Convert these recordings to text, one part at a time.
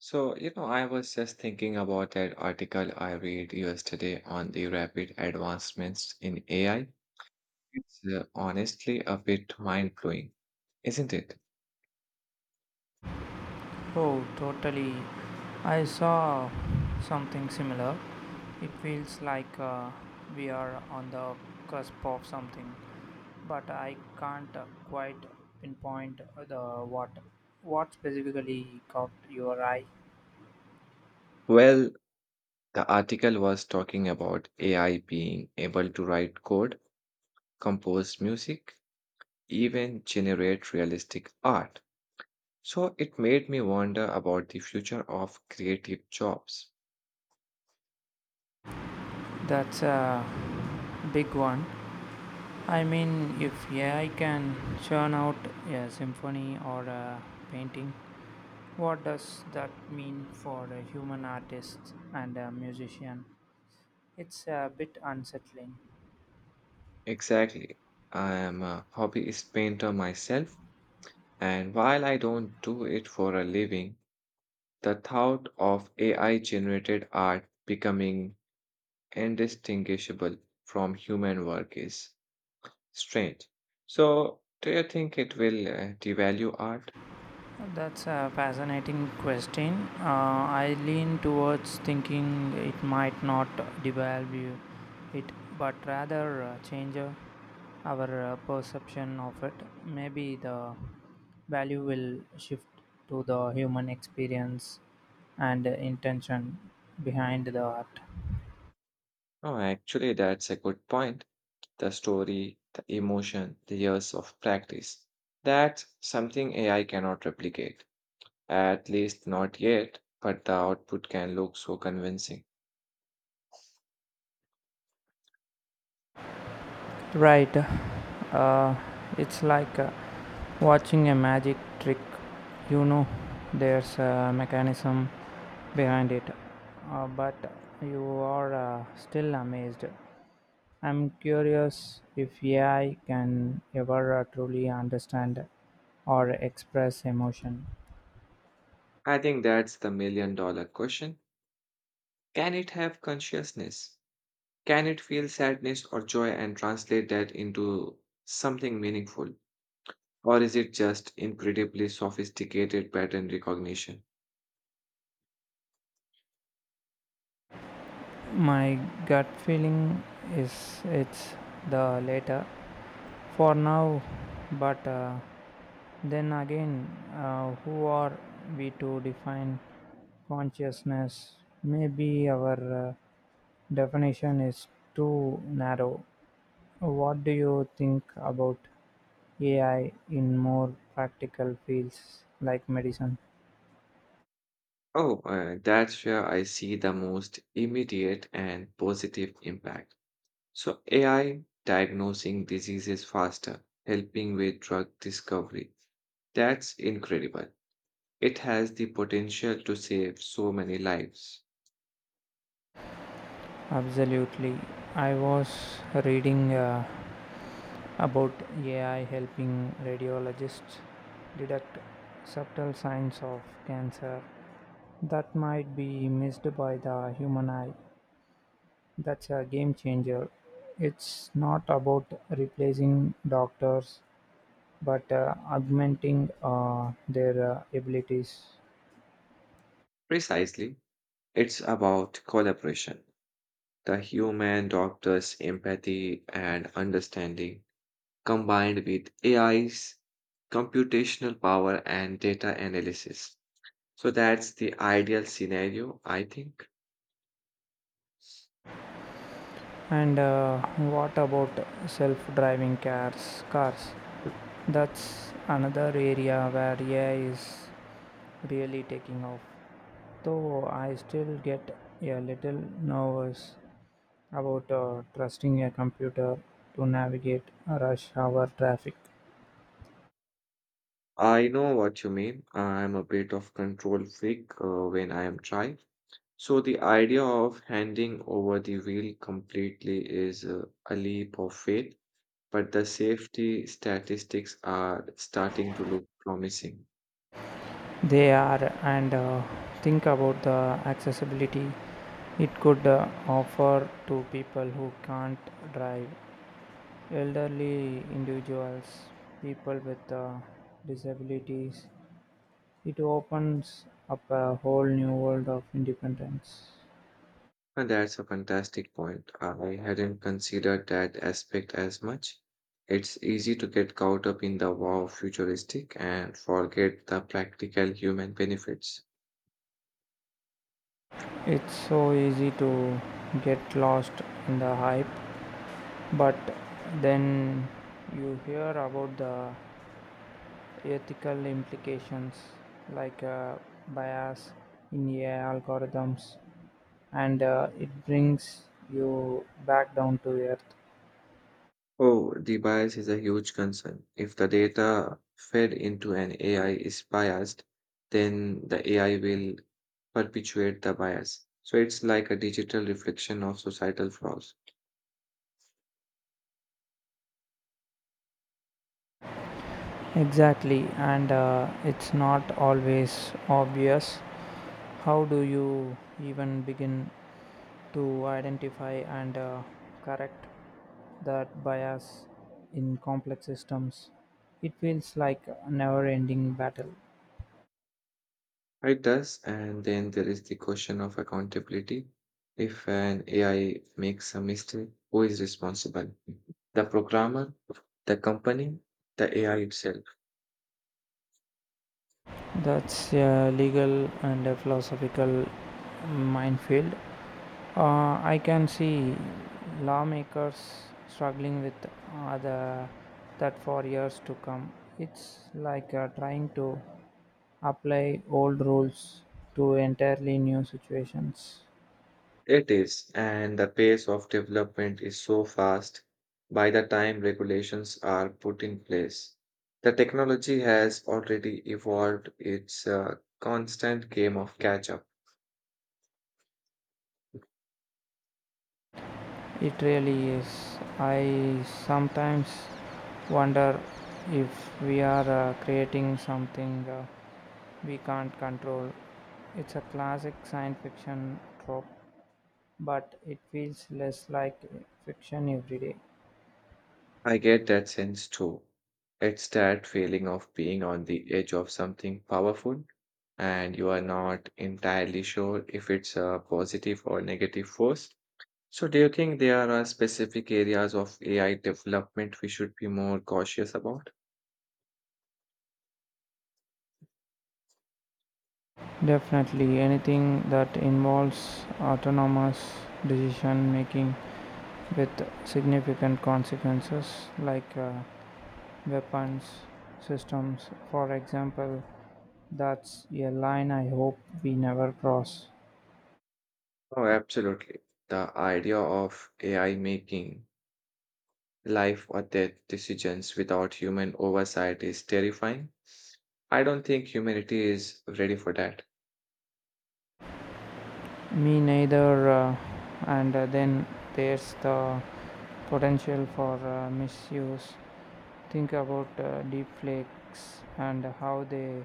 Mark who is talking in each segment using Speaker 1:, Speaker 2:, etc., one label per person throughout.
Speaker 1: So, you know, I was just thinking about that article I read yesterday on the rapid advancements in AI. It's honestly a bit mind-blowing, isn't it?
Speaker 2: Oh, totally. I saw something similar. It feels like we are on the cusp of something, but I can't quite pinpoint the what what specifically caught your eye.
Speaker 1: Well, the article was talking about AI being able to write code, compose music, even generate realistic art. So it made me wonder about the future of creative jobs.
Speaker 2: That's a big one. I mean, if AI can churn out a symphony or a painting, what does that mean for a human artist and a musician? It's a bit unsettling.
Speaker 1: Exactly. I am a hobbyist painter myself, and while I don't do it for a living, the thought of AI generated art becoming indistinguishable from human work is strange. So, do you think it will devalue art?
Speaker 2: That's a fascinating question. I lean towards thinking it might not devalue it, but rather change our perception of it. Maybe the value will shift to the human experience and intention behind the art.
Speaker 1: No, actually, that's a good point. The story, the emotion, the years of practice. That's something AI cannot replicate, at least not yet, but the output can look so convincing.
Speaker 2: Right. Uh, it's like watching a magic trick, you know there's a mechanism behind it, but you are still amazed. I'm curious if AI can ever truly understand or express emotion.
Speaker 1: I think that's the million dollar question. Can it have consciousness? Can it feel sadness or joy and translate that into something meaningful? Or is it just incredibly sophisticated pattern recognition?
Speaker 2: My gut feeling is it's the latter for now, but then again, who are we to define consciousness? Maybe our definition is too narrow. What do you think about AI in more practical fields like medicine?
Speaker 1: Oh, that's where I see the most immediate and positive impact. So, AI diagnosing diseases faster, helping with drug discovery. That's incredible. It has the potential to save so many lives.
Speaker 2: Absolutely. I was reading about AI helping radiologists detect subtle signs of cancer that might be missed by the human eye. That's a game changer. It's not about replacing doctors, but augmenting their abilities.
Speaker 1: Precisely, it's about collaboration. The human doctor's empathy and understanding, combined with AI's computational power and data analysis. So that's the ideal scenario, I think.
Speaker 2: And what about self-driving cars? Cars.
Speaker 1: Mm.
Speaker 2: That's another area where AI is really taking off. Though I still get a little nervous about trusting a computer to navigate rush hour traffic.
Speaker 1: I know what you mean. I'm a bit of control freak when I am trying. So the idea of handing over the wheel completely is a leap of faith, but the safety statistics are starting to look promising.
Speaker 2: They are, and think about the accessibility it could offer to people who can't drive, elderly individuals, people with disabilities. It opens up a whole new world of independence.
Speaker 1: And that's a fantastic point. I hadn't considered that aspect as much. It's easy to get caught up in the wow futuristic and forget the practical human benefits.
Speaker 2: It's so easy to get lost in the hype, but then you hear about the ethical implications, like bias in AI algorithms, and it brings you back down to earth.
Speaker 1: Oh, the bias is a huge concern. If the data fed into an AI is biased, then the AI will perpetuate the bias. So it's like a digital reflection of societal flaws.
Speaker 2: Exactly, and it's not always obvious. How do you even begin to identify and correct that bias in complex systems? It feels like a never ending battle.
Speaker 1: It does, and then there is the question of accountability. If an AI makes a mistake, who is responsible? The programmer, the company, the AI itself.
Speaker 2: That's a legal and a philosophical minefield. I can see lawmakers struggling with uh, the, that for years to come. It's like trying to apply old rules to entirely new situations.
Speaker 1: It is, and the pace of development is so fast by the time regulations are put in place. The technology has already evolved, it's a constant game of catch up.
Speaker 2: It really is. I sometimes wonder if we are creating something we can't control. It's a classic science fiction trope, but it feels less like fiction every day.
Speaker 1: I get that sense too. It's that feeling of being on the edge of something powerful and you are not entirely sure if it's a positive or negative force. So, do you think there are specific areas of AI development we should be more cautious about?
Speaker 2: Definitely, anything that involves autonomous decision making with significant consequences, like weapons systems, for example, that's a line I hope we never cross.
Speaker 1: Oh, absolutely. The idea of AI making life or death decisions without human oversight is terrifying. I don't think humanity is ready for that.
Speaker 2: Me neither, and then there's the potential for misuse. Think about deep and how they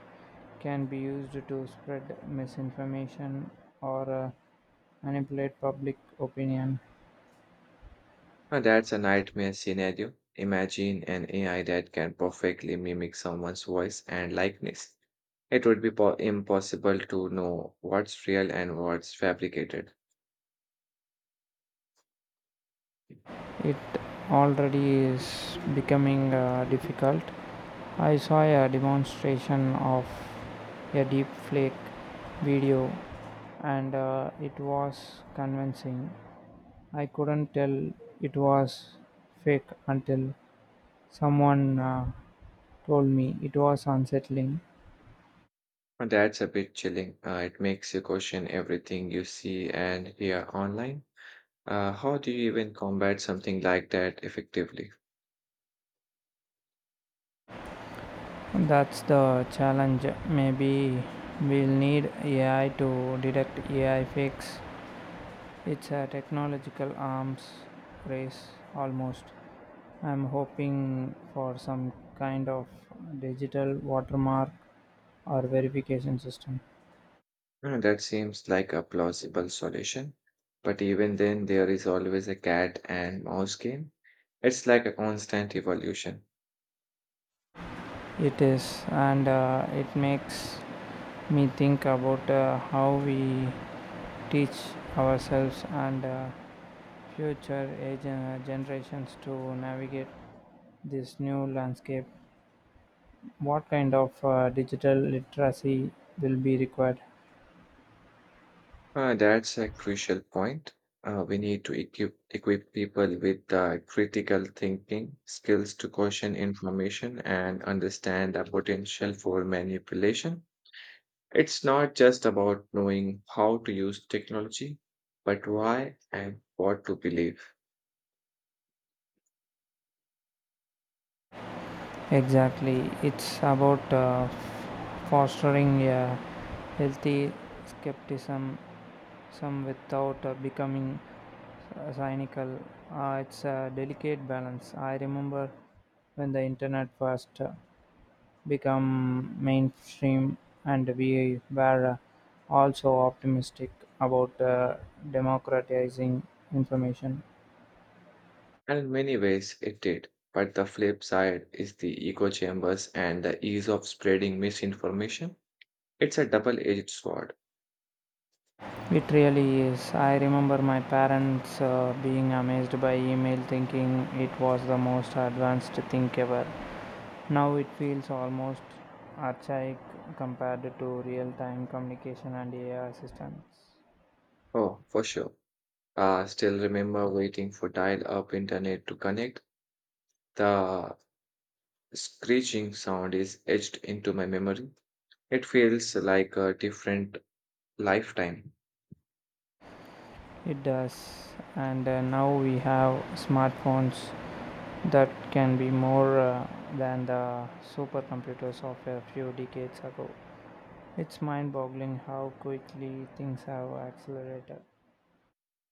Speaker 2: can be used to spread misinformation or manipulate public opinion.
Speaker 1: Now, that's a nightmare scenario. Imagine an AI that can perfectly mimic someone's voice and likeness. It would be impossible to know what's real and what's fabricated.
Speaker 2: It already is becoming difficult. I saw a demonstration of a deepfake video, and it was convincing. I couldn't tell it was fake until someone told me. It was unsettling.
Speaker 1: And that's a bit chilling. It makes you question everything you see and hear online. How do you even combat something like that effectively?
Speaker 2: That's the challenge. Maybe we'll need AI to detect AI fakes. It's a technological arms race almost. I'm hoping for some kind of digital watermark or verification system.
Speaker 1: That seems like a plausible solution. But even then, there is always a cat and mouse game. It's like a constant evolution.
Speaker 2: It is, and it makes me think about how we teach ourselves and generations to navigate this new landscape. What kind of digital literacy will be required?
Speaker 1: That's a crucial point. We need to equip people with the critical thinking skills to question information and understand the potential for manipulation. It's not just about knowing how to use technology, but why and what to believe.
Speaker 2: Exactly. It's about fostering a healthy skepticism, some without becoming cynical. It's a delicate balance. I remember when the internet first became mainstream, and we were also optimistic about democratizing information.
Speaker 1: And in many ways, it did. But the flip side is the echo chambers and the ease of spreading misinformation. It's a double edged sword.
Speaker 2: It really is. I remember my parents being amazed by email, thinking it was the most advanced thing ever. Now it feels almost archaic compared to real time communication and AI assistants.
Speaker 1: Oh, for sure. Still remember waiting for dial-up internet to connect. The screeching sound is etched into my memory. It feels like a different lifetime.
Speaker 2: It does. And now we have smartphones that can be more than the supercomputers of a few decades ago. It's mind boggling how quickly things have accelerated.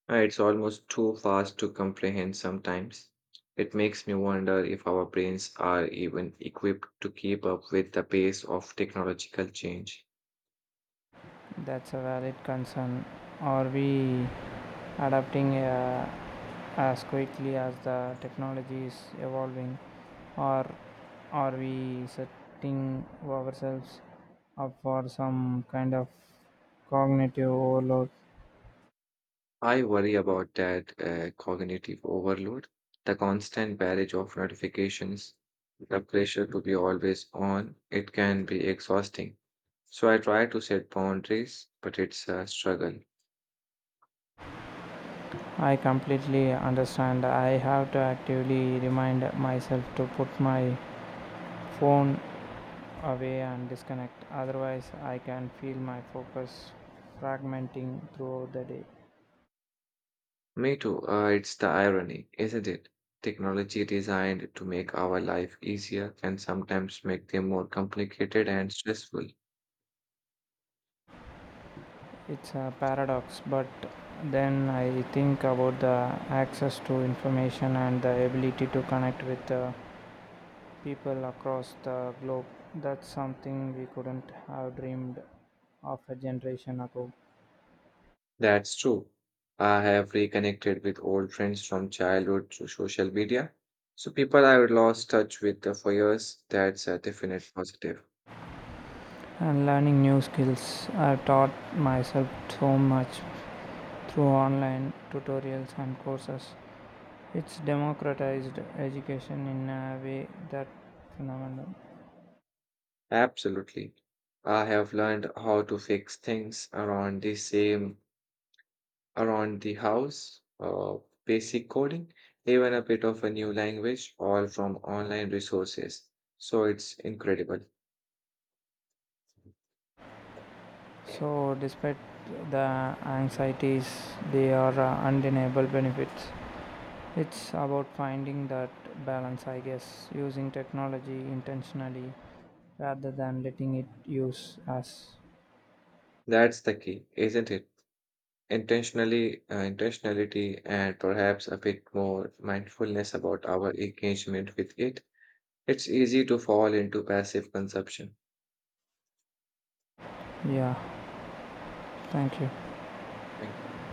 Speaker 1: It's almost too fast to comprehend sometimes. It makes me wonder if our brains are even equipped to keep up with the pace of technological change.
Speaker 2: That's a valid concern. Are we adapting as quickly as the technology is evolving, or are we setting ourselves up for some kind of cognitive overload?
Speaker 1: I worry about that cognitive overload, the constant barrage of notifications. The pressure to be always on, it can be exhausting. So I try to set boundaries, but it's a struggle.
Speaker 2: I completely understand. I have to actively remind myself to put my phone away and disconnect. Otherwise, I can feel my focus fragmenting throughout the day.
Speaker 1: Me too. It's the irony, isn't it? Technology designed to make our life easier can sometimes make them more complicated and stressful.
Speaker 2: It's a paradox, but then I think about the access to information and the ability to connect with the people across the globe. That's something we couldn't have dreamed of a generation ago.
Speaker 1: That's true. I have reconnected with old friends from childhood through social media. So people I would lost touch with for years, that's a definite positive.
Speaker 2: And learning new skills, I taught myself so much through online tutorials and courses. It's democratized education in a way that phenomenal.
Speaker 1: Absolutely. I have learned how to fix things around the house, basic coding, even a bit of a new language, all from online resources. So it's incredible.
Speaker 2: So, despite the anxieties, they are undeniable benefits. It's about finding that balance, I guess, using technology intentionally rather than letting it use us.
Speaker 1: That's the key, isn't it? Intentionality, and perhaps a bit more mindfulness about our engagement with it. It's easy to fall into passive consumption.
Speaker 2: Yeah, thank you.
Speaker 1: Thank you.